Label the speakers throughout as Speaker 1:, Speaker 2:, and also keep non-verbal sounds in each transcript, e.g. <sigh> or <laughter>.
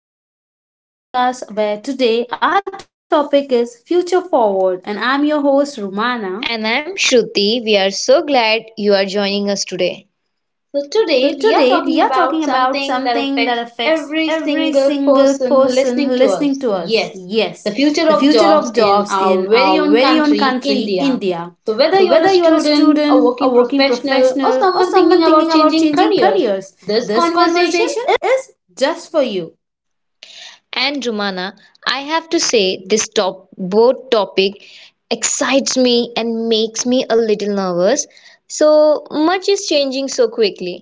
Speaker 1: welcome to another podcast where today our topic is Future Forward, and I'm your host, Rumana.
Speaker 2: And I'm Shruti. We are so glad you are joining us today. So, today
Speaker 1: So,
Speaker 2: we are
Speaker 1: today
Speaker 2: talking
Speaker 1: we are
Speaker 2: about
Speaker 1: talking about
Speaker 2: something that
Speaker 1: something
Speaker 2: affects
Speaker 1: that affects
Speaker 2: every
Speaker 1: every
Speaker 2: single
Speaker 1: single
Speaker 2: person
Speaker 1: person
Speaker 2: listening to
Speaker 1: listening
Speaker 2: us.
Speaker 1: to us.
Speaker 2: Yes, the
Speaker 1: Yes,
Speaker 2: future
Speaker 1: the
Speaker 2: of
Speaker 1: future of
Speaker 2: jobs in
Speaker 1: jobs
Speaker 2: our
Speaker 1: in
Speaker 2: very
Speaker 1: our
Speaker 2: own
Speaker 1: very own
Speaker 2: country,
Speaker 1: country,
Speaker 2: India.
Speaker 1: India.
Speaker 2: So, whether
Speaker 1: So,
Speaker 2: you are a
Speaker 1: whether you are a
Speaker 2: student, a
Speaker 1: student, a
Speaker 2: working
Speaker 1: working
Speaker 2: professional, or
Speaker 1: professional, or
Speaker 2: someone thinking
Speaker 1: someone
Speaker 2: about
Speaker 1: thinking about
Speaker 2: changing
Speaker 1: changing
Speaker 2: careers,
Speaker 1: careers,
Speaker 2: this
Speaker 1: this
Speaker 2: conversation.
Speaker 1: conversation is just for you.
Speaker 2: And Romana, I have to say, this top both topic excites me and makes me a little nervous. So much is changing so quickly.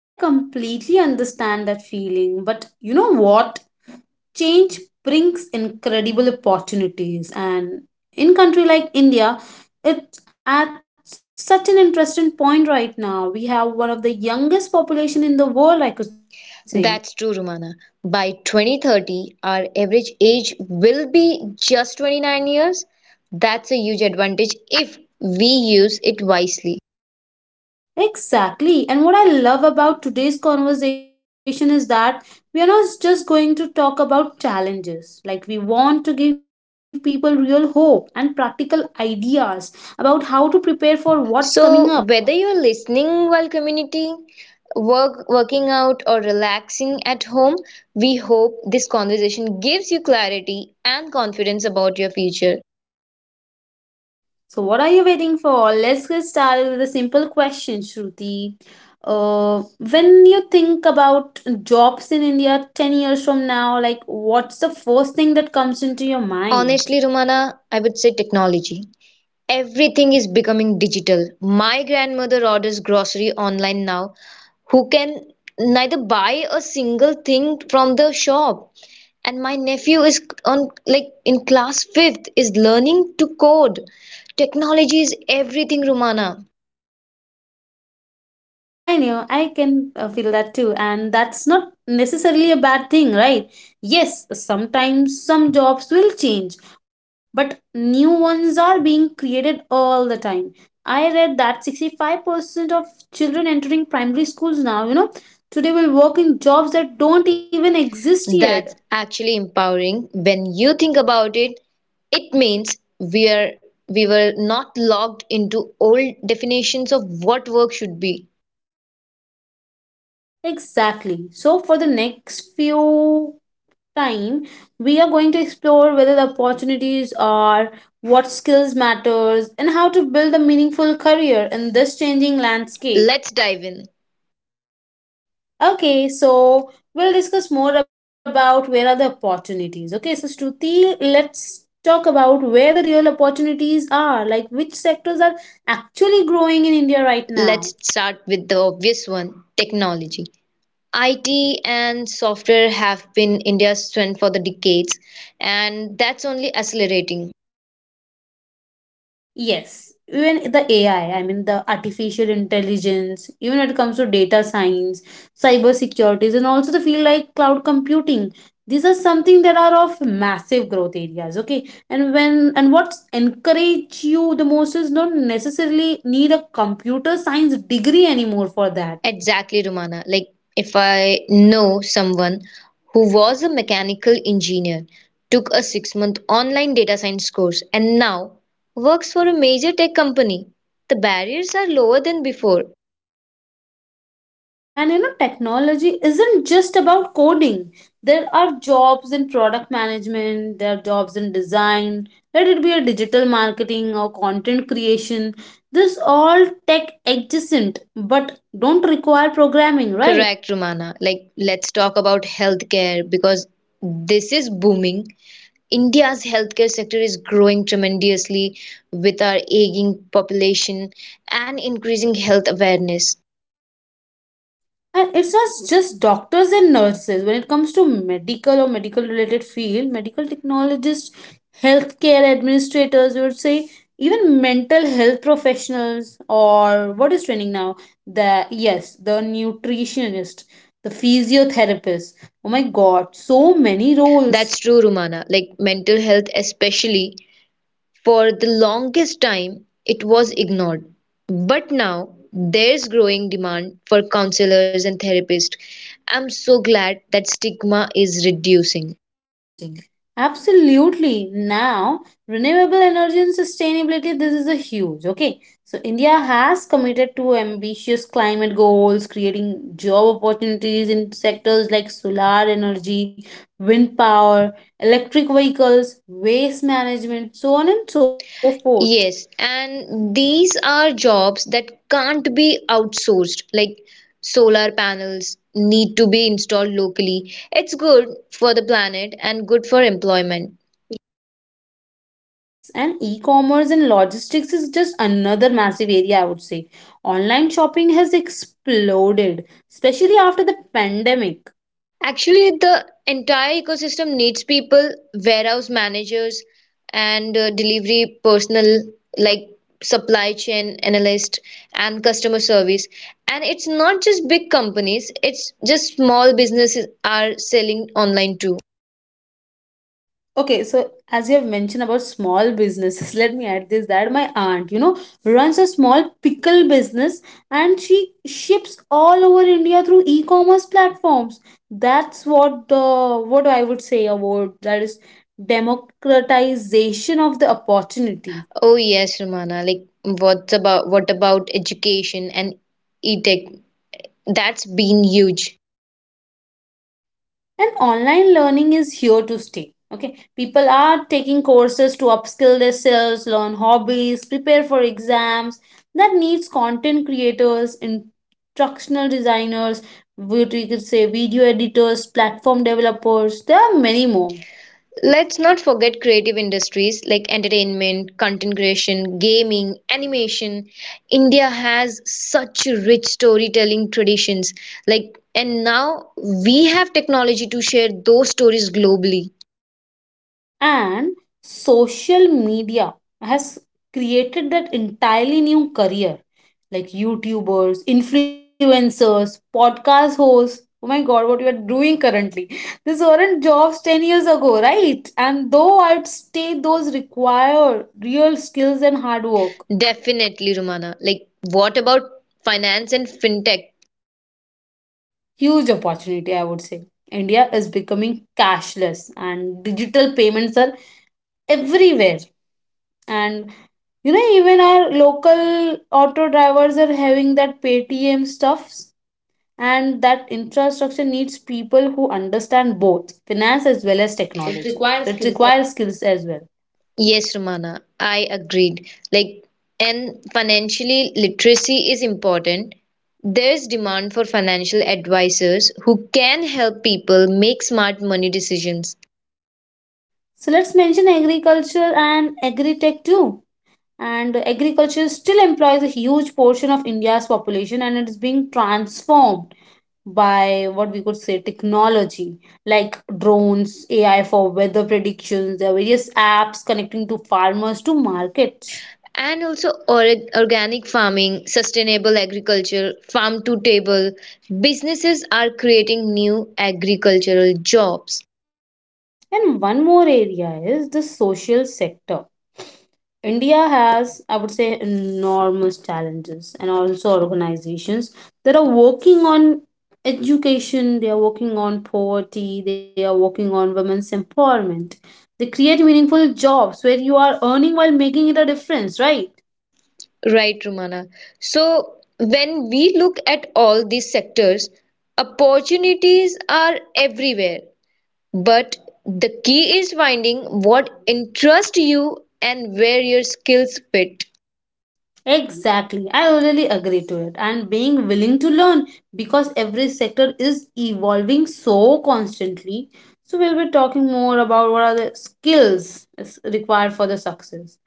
Speaker 1: I completely understand that feeling, but you know what? Change brings incredible opportunities, and in country like India, it's at such an interesting point right now. We have one of the youngest population in the world, I could say.
Speaker 2: That's true, Romana. By 2030, our average age will be just 29 years. That's a huge advantage if we use it wisely.
Speaker 1: Exactly. And what I love about today's conversation is that we are not just going to talk about challenges. Like, we want to give people real hope and practical ideas about how to prepare for what's coming up.
Speaker 2: So, whether you're listening while commuting, working out, or relaxing at home, we hope this conversation gives you clarity and confidence about your future.
Speaker 1: So, what are you waiting for? Let's get started with a simple question, Shruti. When you think about jobs in India 10 years from now, like what's the first thing that comes into your
Speaker 2: Honestly,
Speaker 1: mind?
Speaker 2: Romana, I would say technology. Everything is becoming digital. My grandmother orders grocery online now, who can neither buy a single thing from the shop. And my nephew is on, like, in class 5th, is learning to code. Technology is everything, Romana.
Speaker 1: I know, I can feel that too, and that's not necessarily a bad thing, right? Yes, sometimes some jobs will change, but new ones are being created all the time. I read that 65% of children entering primary schools now, you know, today will work in jobs that don't even exist
Speaker 2: That's
Speaker 1: yet.
Speaker 2: actually empowering when you think about it. It means we are we were not locked into old definitions of what work should be.
Speaker 1: Exactly. So, for the next few time we are going to explore whether the opportunities are, what skills matters, and how to build a meaningful career in this changing landscape.
Speaker 2: Let's dive in.
Speaker 1: Okay, so we'll discuss more about where are the opportunities. Okay, so Shruti, let's talk about where the real opportunities are, like which sectors are actually growing in India right now.
Speaker 2: Let's start with the obvious one, technology. IT and software have been India's strength for the decades, and that's only accelerating.
Speaker 1: Yes, even the AI, I mean the artificial intelligence, even when it comes to data science, cyber securities, and also the field like cloud computing. These are something that are of massive growth areas. Okay, and when and what's encourage you the most is not necessarily need a computer science degree anymore for that.
Speaker 2: Exactly, Romana. Like, if I know someone who was a mechanical engineer, took a 6 month online data science course, and now works for a major tech company, the barriers are lower than before.
Speaker 1: And you know, technology isn't just about coding. There are jobs in product management, there are jobs in design, let it be a digital marketing or content creation. This all tech adjacent but don't require programming, right?
Speaker 2: Correct, Romana. Like, let's talk about healthcare because this is booming. India's healthcare sector is growing tremendously with our aging population and increasing health awareness.
Speaker 1: And it's not just doctors and nurses when it comes to medical or medical related field, medical technologists, healthcare administrators you would say, even mental health professionals or what is training now, the, yes, the nutritionist, the physiotherapist, oh my god, so many roles
Speaker 2: That's true, Rumana. Like mental health, especially for the longest time, it was ignored. But now there's growing demand for counselors and therapists. I'm so glad that stigma is reducing.
Speaker 1: using. Absolutely. Now, renewable energy and sustainability, this is a huge. Okay. So, India has committed to ambitious climate goals, creating job opportunities in sectors like solar energy, wind power, electric vehicles, waste management, so on and so forth.
Speaker 2: Yes, and these are jobs that can't be outsourced, like solar panels need to be installed locally. It's good for the planet and good for employment.
Speaker 1: Yes, and e commerce and logistics is just another massive area, I would say. Online shopping has exploded, especially after the pandemic.
Speaker 2: Actually, the entire ecosystem needs people, warehouse managers, and delivery personnel, like supply chain analyst and customer service. And it's not just big companies, it's just small businesses are selling online too.
Speaker 1: Okay, so as you have mentioned about small businesses, <laughs> let me add this that my aunt, you know, runs a small pickle business and she ships all over India through e-commerce platforms. That's what the what I would say about that is democratization of the opportunity.
Speaker 2: Oh yes, Romana, like what about education and e-tech? That's been huge.
Speaker 1: And online learning is here to stay. Okay, people are taking courses to upskill themselves, learn hobbies, prepare for exams. That needs content creators, instructional designers, what we could say video editors, platform developers, there are many more.
Speaker 2: Let's not forget creative industries like entertainment, content creation, gaming, animation. India has such rich storytelling traditions. Like, and now we have technology to share those stories globally.
Speaker 1: And social media has created that entirely new career, like youtubers, influencers, podcast hosts, oh my god, what we are doing currently. These weren't jobs 10 years ago, right? And though I'd say those require real skills and hard work.
Speaker 2: Definitely, Romana. Like, what about finance and fintech?
Speaker 1: Huge opportunity, I would say. India is becoming cashless and digital payments are everywhere. And you know, even our local auto drivers are having that Paytm stuffs, and that infrastructure needs people who understand both finance as well as
Speaker 2: It
Speaker 1: technology.
Speaker 2: requires
Speaker 1: So, it
Speaker 2: skills.
Speaker 1: requires skills as well.
Speaker 2: Yes, Romana, I agreed. Like, and financially literacy is important. There's demand for financial advisors who can help people make smart money decisions.
Speaker 1: So let's mention agriculture and agri-tech too. And agriculture still employs a huge portion of India's population, and it is being transformed by what we could say technology, like drones, AI for weather predictions, there are various apps connecting to farmers to markets.
Speaker 2: And also organic farming, sustainable agriculture, farm to table. Businesses are creating new agricultural jobs.
Speaker 1: And one more area is the social sector. India has, I would say, enormous challenges and also organizations that are working on education, they are working on poverty, they are working on women's empowerment. They create meaningful jobs where you are earning while making it a difference, right?
Speaker 2: Right, Romana. So when we look at all these sectors, opportunities are everywhere. But the key is finding what interests you and where your skills fit.
Speaker 1: Exactly. I really agree to it. And being willing to learn because every sector is evolving so constantly. So we'll be talking more about what are the skills is required for the success.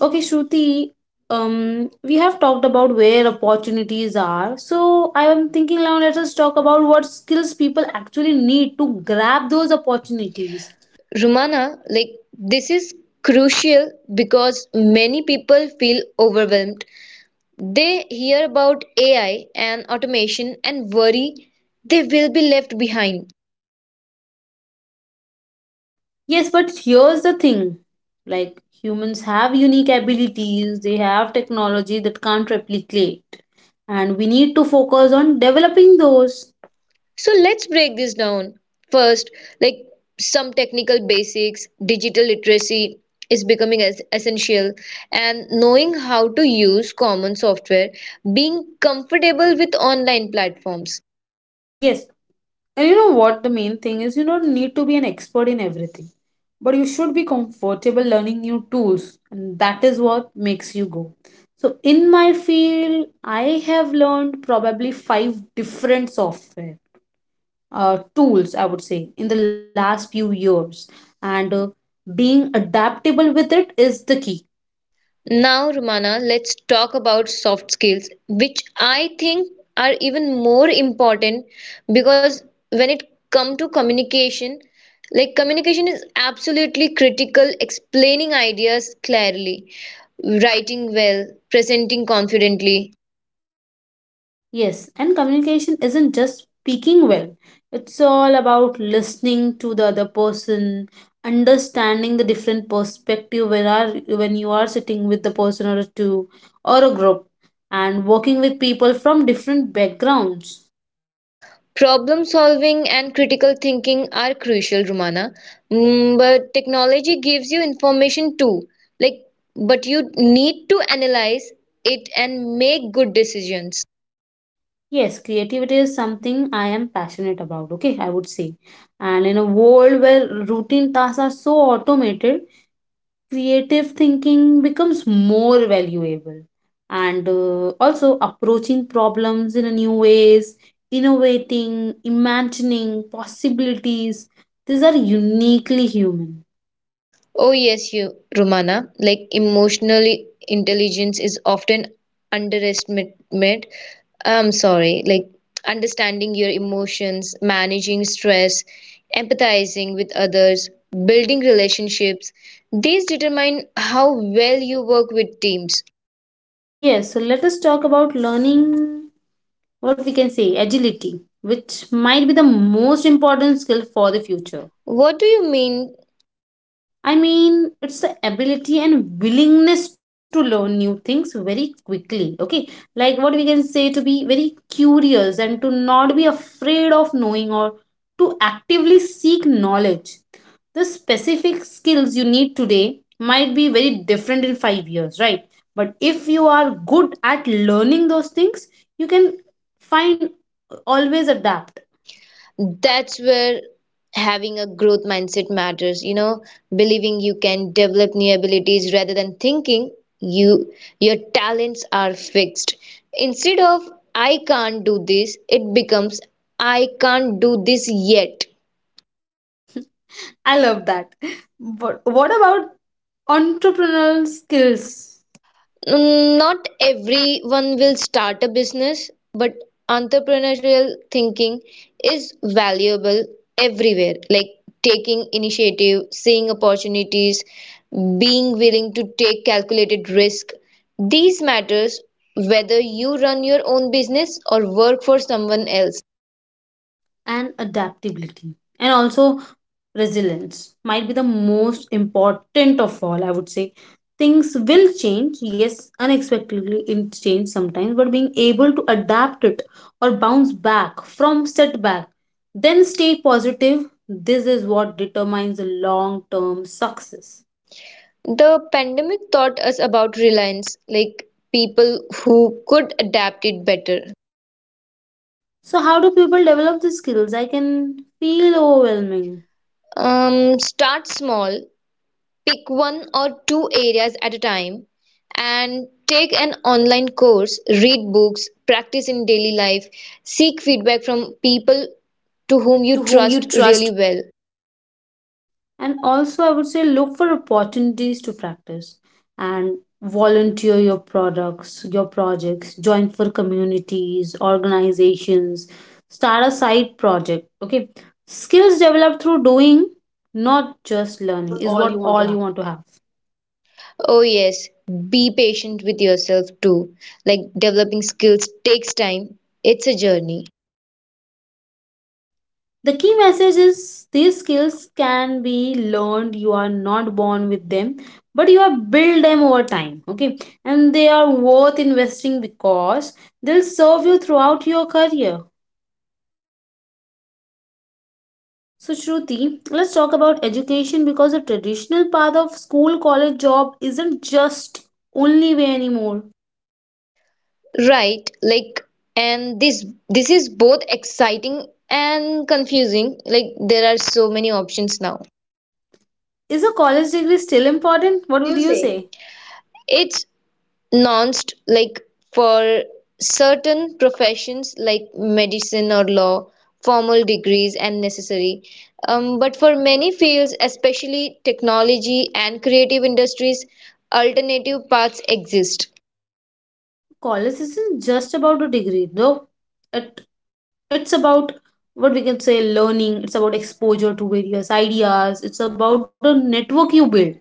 Speaker 1: Okay, Shruti, we have talked about where opportunities are. So I am thinking now let us talk about what skills people actually need to grab those opportunities.
Speaker 2: Rumana, like this is crucial because many people feel overwhelmed. They hear about AI and automation and worry they will be left behind.
Speaker 1: Yes, but here's the thing. Like humans have unique abilities, they have technology that can't replicate. And we need to focus on developing those.
Speaker 2: So let's break this down. First, like some technical basics, digital literacy is becoming as essential, and knowing how to use common software, being comfortable with online platforms.
Speaker 1: Yes. And you know what the main thing is, you don't need to be an expert in everything. But you should be comfortable learning new tools. And that is what makes you go. So in my field, I have learned probably five different software tools I would say in the last few years, and being adaptable with it is the key.
Speaker 2: Now, Romana, let's talk about soft skills, which I think are even more important because when it come to communication, like communication is absolutely critical, explaining ideas clearly, writing well, presenting confidently.
Speaker 1: Yes, and communication isn't just speaking well, it's all about listening to the other person, understanding the different perspective when are, when you are sitting with the person or two or a group, and working with people from different backgrounds.
Speaker 2: Problem solving and critical thinking are crucial, Romana. Mm, but technology gives you information too. Like, but you need to analyze it and make good decisions.
Speaker 1: Yes, creativity is something I am passionate about, okay, I would say. And in a world where routine tasks are so automated, creative thinking becomes more valuable. And also approaching problems in a new ways, innovating, imagining possibilities, these are uniquely human.
Speaker 2: Oh yes, you Romana, like emotional intelligence is often underestimated. I'm sorry, like understanding your emotions, managing stress, empathizing with others, building relationships, these determine how well you work with teams.
Speaker 1: Yes, so let us talk about learning, what we can say agility, which might be the most important skill for the future.
Speaker 2: What do you mean?
Speaker 1: I mean, it's the ability and willingness to learn new things very quickly. Okay. Like what we can say, to be very curious and to not be afraid of knowing or to actively seek knowledge. The specific skills you need today might be very different in 5 years, right? But if you are good at learning those things, you can find always adapt.
Speaker 2: That's where having a growth mindset matters, you know, believing you can develop new abilities rather than thinking you your talents are fixed. Instead of I can't do this, it becomes I can't do this yet.
Speaker 1: I love that. <laughs> But what about entrepreneurial skills?
Speaker 2: Mm, not everyone will start a business, but entrepreneurial thinking is valuable everywhere, like taking initiative, seeing opportunities, being willing to take calculated risk. These matters whether you run your own business or work for someone else.
Speaker 1: And adaptability and also resilience might be the most important of all, I would say. Things will change, yes, unexpectedly it change sometimes, but being able to adapt it or bounce back from setback, then stay positive, this is what determines the long term success.
Speaker 2: The pandemic taught us about reliance, like people who could adapt it better.
Speaker 1: So how do people develop these skills? I can feel overwhelming.
Speaker 2: Start small. Pick one or two areas at a time and take an online course, read books, practice in daily life, seek feedback from people to whom you
Speaker 1: To whom
Speaker 2: trust
Speaker 1: you
Speaker 2: really
Speaker 1: trust,
Speaker 2: well.
Speaker 1: and also I would say look for opportunities to practice and volunteer your products, your projects, join for communities, organizations, start a side project. Okay, skills developed through doing not just learning
Speaker 2: What
Speaker 1: is
Speaker 2: all you
Speaker 1: what
Speaker 2: want to
Speaker 1: all
Speaker 2: have.
Speaker 1: you want to have.
Speaker 2: Oh, yes, be patient with yourself too. Like developing skills takes time, it's a journey.
Speaker 1: The key message is these skills can be learned. You are not born with them, but you are build them over time. Okay, and they are worth investing because they'll serve you throughout your career. So, Shruti, let's talk about education because the traditional path of school, college, job isn't just only way anymore.
Speaker 2: Right, like, and this is both exciting and confusing. Like there are so many options now.
Speaker 1: Is a college degree still important?
Speaker 2: What
Speaker 1: What
Speaker 2: would
Speaker 1: would
Speaker 2: you
Speaker 1: you
Speaker 2: say?
Speaker 1: say?
Speaker 2: It's nuanced, like for certain professions like medicine or law, formal degrees and necessary. But for many fields, especially technology and creative industries, alternative paths exist.
Speaker 1: College isn't just about a degree though. It it's about what we can say learning, it's about exposure to various ideas, it's about the network you build.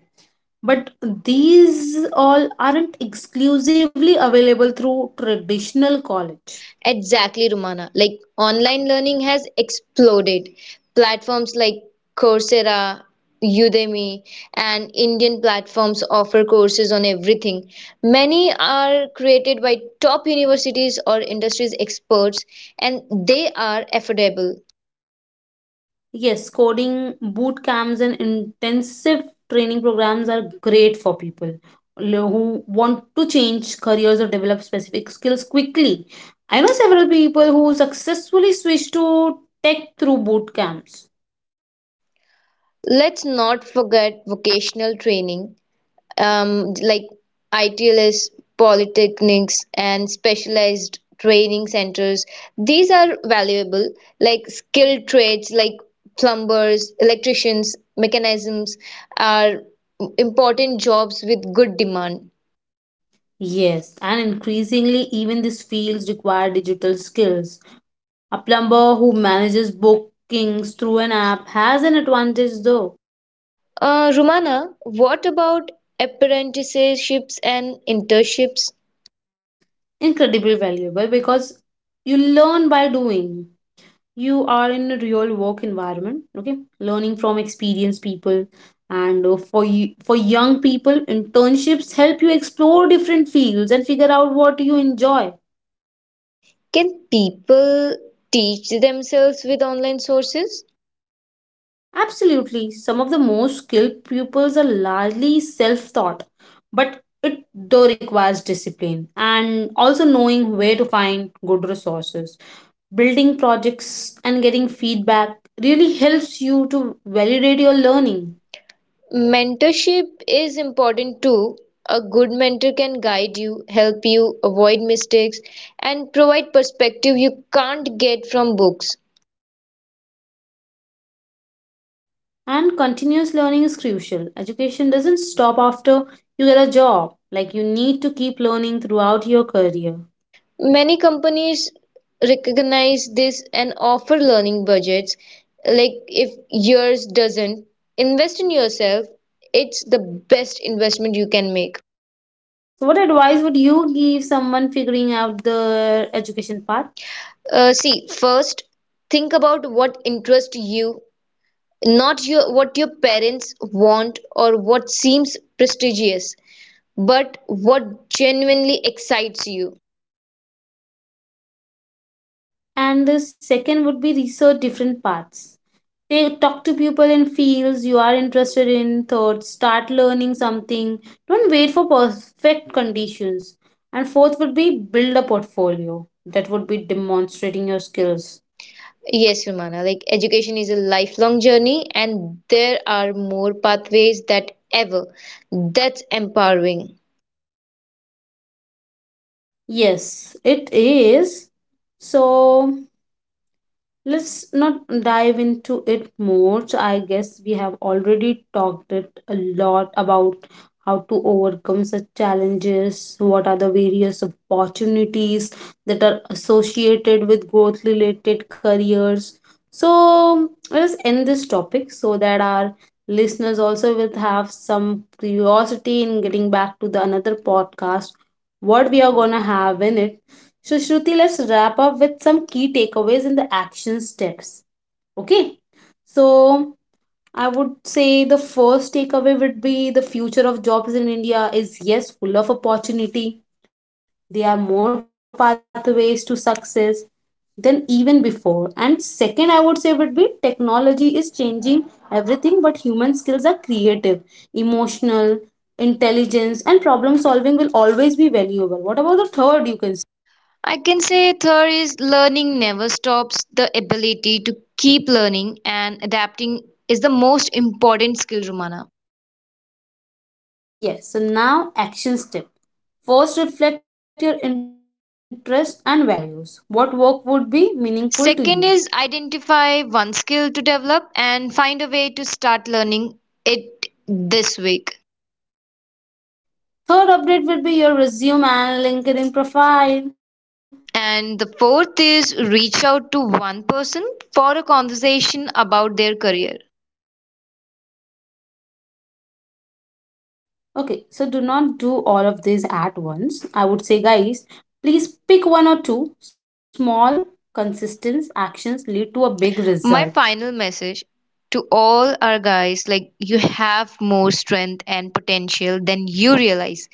Speaker 1: But these all aren't exclusively available through traditional college.
Speaker 2: Exactly, Romana. Like online learning has exploded. Platforms like Coursera, Udemy, and Indian platforms offer courses on everything. Many are created by top universities or industries experts, and they are affordable.
Speaker 1: Yes, coding boot camps and intensive training programs are great for people who want to change careers or develop specific skills quickly. I know several people who successfully switched to tech through boot camps.
Speaker 2: Let's not forget vocational training. Like ITLS, polytechnics, and specialized training centers. These are valuable, like skilled trades like plumbers, electricians, mechanisms are important jobs with good demand.
Speaker 1: Yes, and increasingly, even these fields require digital skills. A plumber who manages bookings through an app has an advantage, though,
Speaker 2: Rumana, what about apprenticeships and internships?
Speaker 1: incredibly valuable because you learn by doing. You are in a real work environment, okay, learning from experienced people. And for you, for young people, internships help you explore different fields and figure out what you enjoy.
Speaker 2: Can people teach themselves with online sources?
Speaker 1: Absolutely, some of the most skilled pupils are largely self-taught, but it though requires discipline and also knowing where to find good resources. Building projects and getting feedback really helps you to validate your learning.
Speaker 2: Mentorship is important too. A good mentor can guide you, help you avoid mistakes, and provide perspective you can't get from books.
Speaker 1: And continuous learning is crucial. Education doesn't stop after you get a job. Like you need to keep learning throughout your career.
Speaker 2: Many companies recognize this and offer learning budgets. Like if yours doesn't, invest in yourself. It's the best investment you can make.
Speaker 1: So what advice would you give someone figuring out the education path?
Speaker 2: See, first, think about what interests you. Not your, what your parents want or what seems prestigious, but what genuinely excites you.
Speaker 1: And the second would be research different paths. They talk to people in fields you are interested in. Third, start learning something. Don't wait for perfect conditions. And fourth would be build a portfolio. That would be demonstrating your skills.
Speaker 2: Yes, Romana, like education is a lifelong journey, and there are more pathways that ever. That's empowering.
Speaker 1: Yes, it is. So let's not dive into it more. So I guess we have already talked it a lot about how to overcome such challenges, what are the various opportunities that are associated with growth related careers. So let's end this topic so that our listeners also will have some curiosity in getting back to the another podcast what we are going to have in it. So, Shruti, let's wrap up with some key takeaways and the action steps. Okay. So, I would say the first takeaway would be the future of jobs in India is, yes, full of opportunity. There are more pathways to success than even before. And second, I would say would be technology is changing everything, but human skills are creative, emotional, intelligence, and problem solving will always be valuable. What about the third? You can.
Speaker 2: I can say third is learning never stops. The ability to keep learning and adapting is the most important skill, Romana.
Speaker 1: Yes, so now action step. First, reflect your interests and values. What work would be meaningful to you?
Speaker 2: Second is identify one skill to develop and find a way to start learning it this week.
Speaker 1: Like, third update will be your resume and LinkedIn profile.
Speaker 2: And the fourth is reach out to one person for a conversation about their career.
Speaker 1: Okay, so do not do all of these at once. I would say, guys, please pick one or two small, consistent actions lead to a big result.
Speaker 2: My final message to all our guys, like you have more strength and potential than you realize.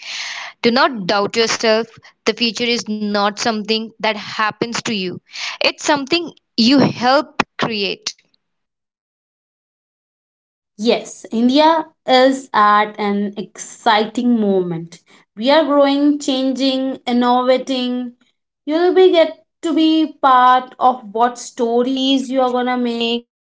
Speaker 2: Do not doubt yourself. The future is not something that happens to you. It's something you help create.
Speaker 1: Yes, India is at an exciting moment. We are growing, changing, innovating. You'll be get to be part of what stories you are gonna make.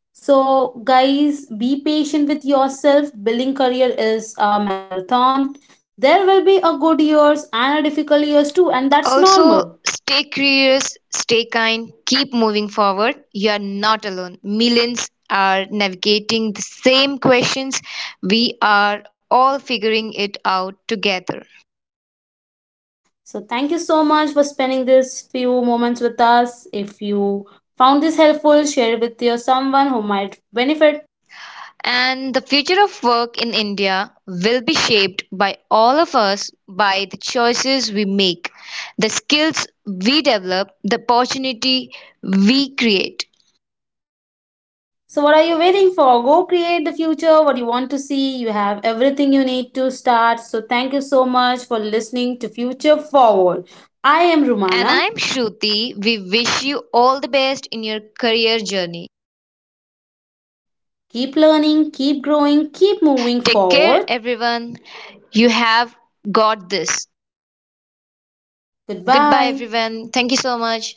Speaker 1: So, guys, be patient with yourself. Building career is a marathon. There will be a good years and a difficult years too, and that's normal.
Speaker 2: Also, stay curious, stay kind, keep moving forward. You are not alone. Millions are navigating the same questions. We are all figuring it out together.
Speaker 1: So, thank you so much for spending this few moments with us. If you found this helpful, share it with your someone who might benefit.
Speaker 2: And the future of work in India will be shaped by all of us, by the choices we make, the skills we develop, the opportunity we create.
Speaker 1: So, what are you waiting for? Go create the future. What you want to see, you have everything you need to start. So, thank you so much for listening to Future Forward. I am
Speaker 2: And
Speaker 1: Rumana.
Speaker 2: I'm Shruti. We wish you all the best in your career journey.
Speaker 1: Keep learning, keep growing, keep moving
Speaker 2: Take care,
Speaker 1: forward.
Speaker 2: everyone. You have got this. Goodbye,
Speaker 1: Goodbye.
Speaker 2: everyone. Thank you so much.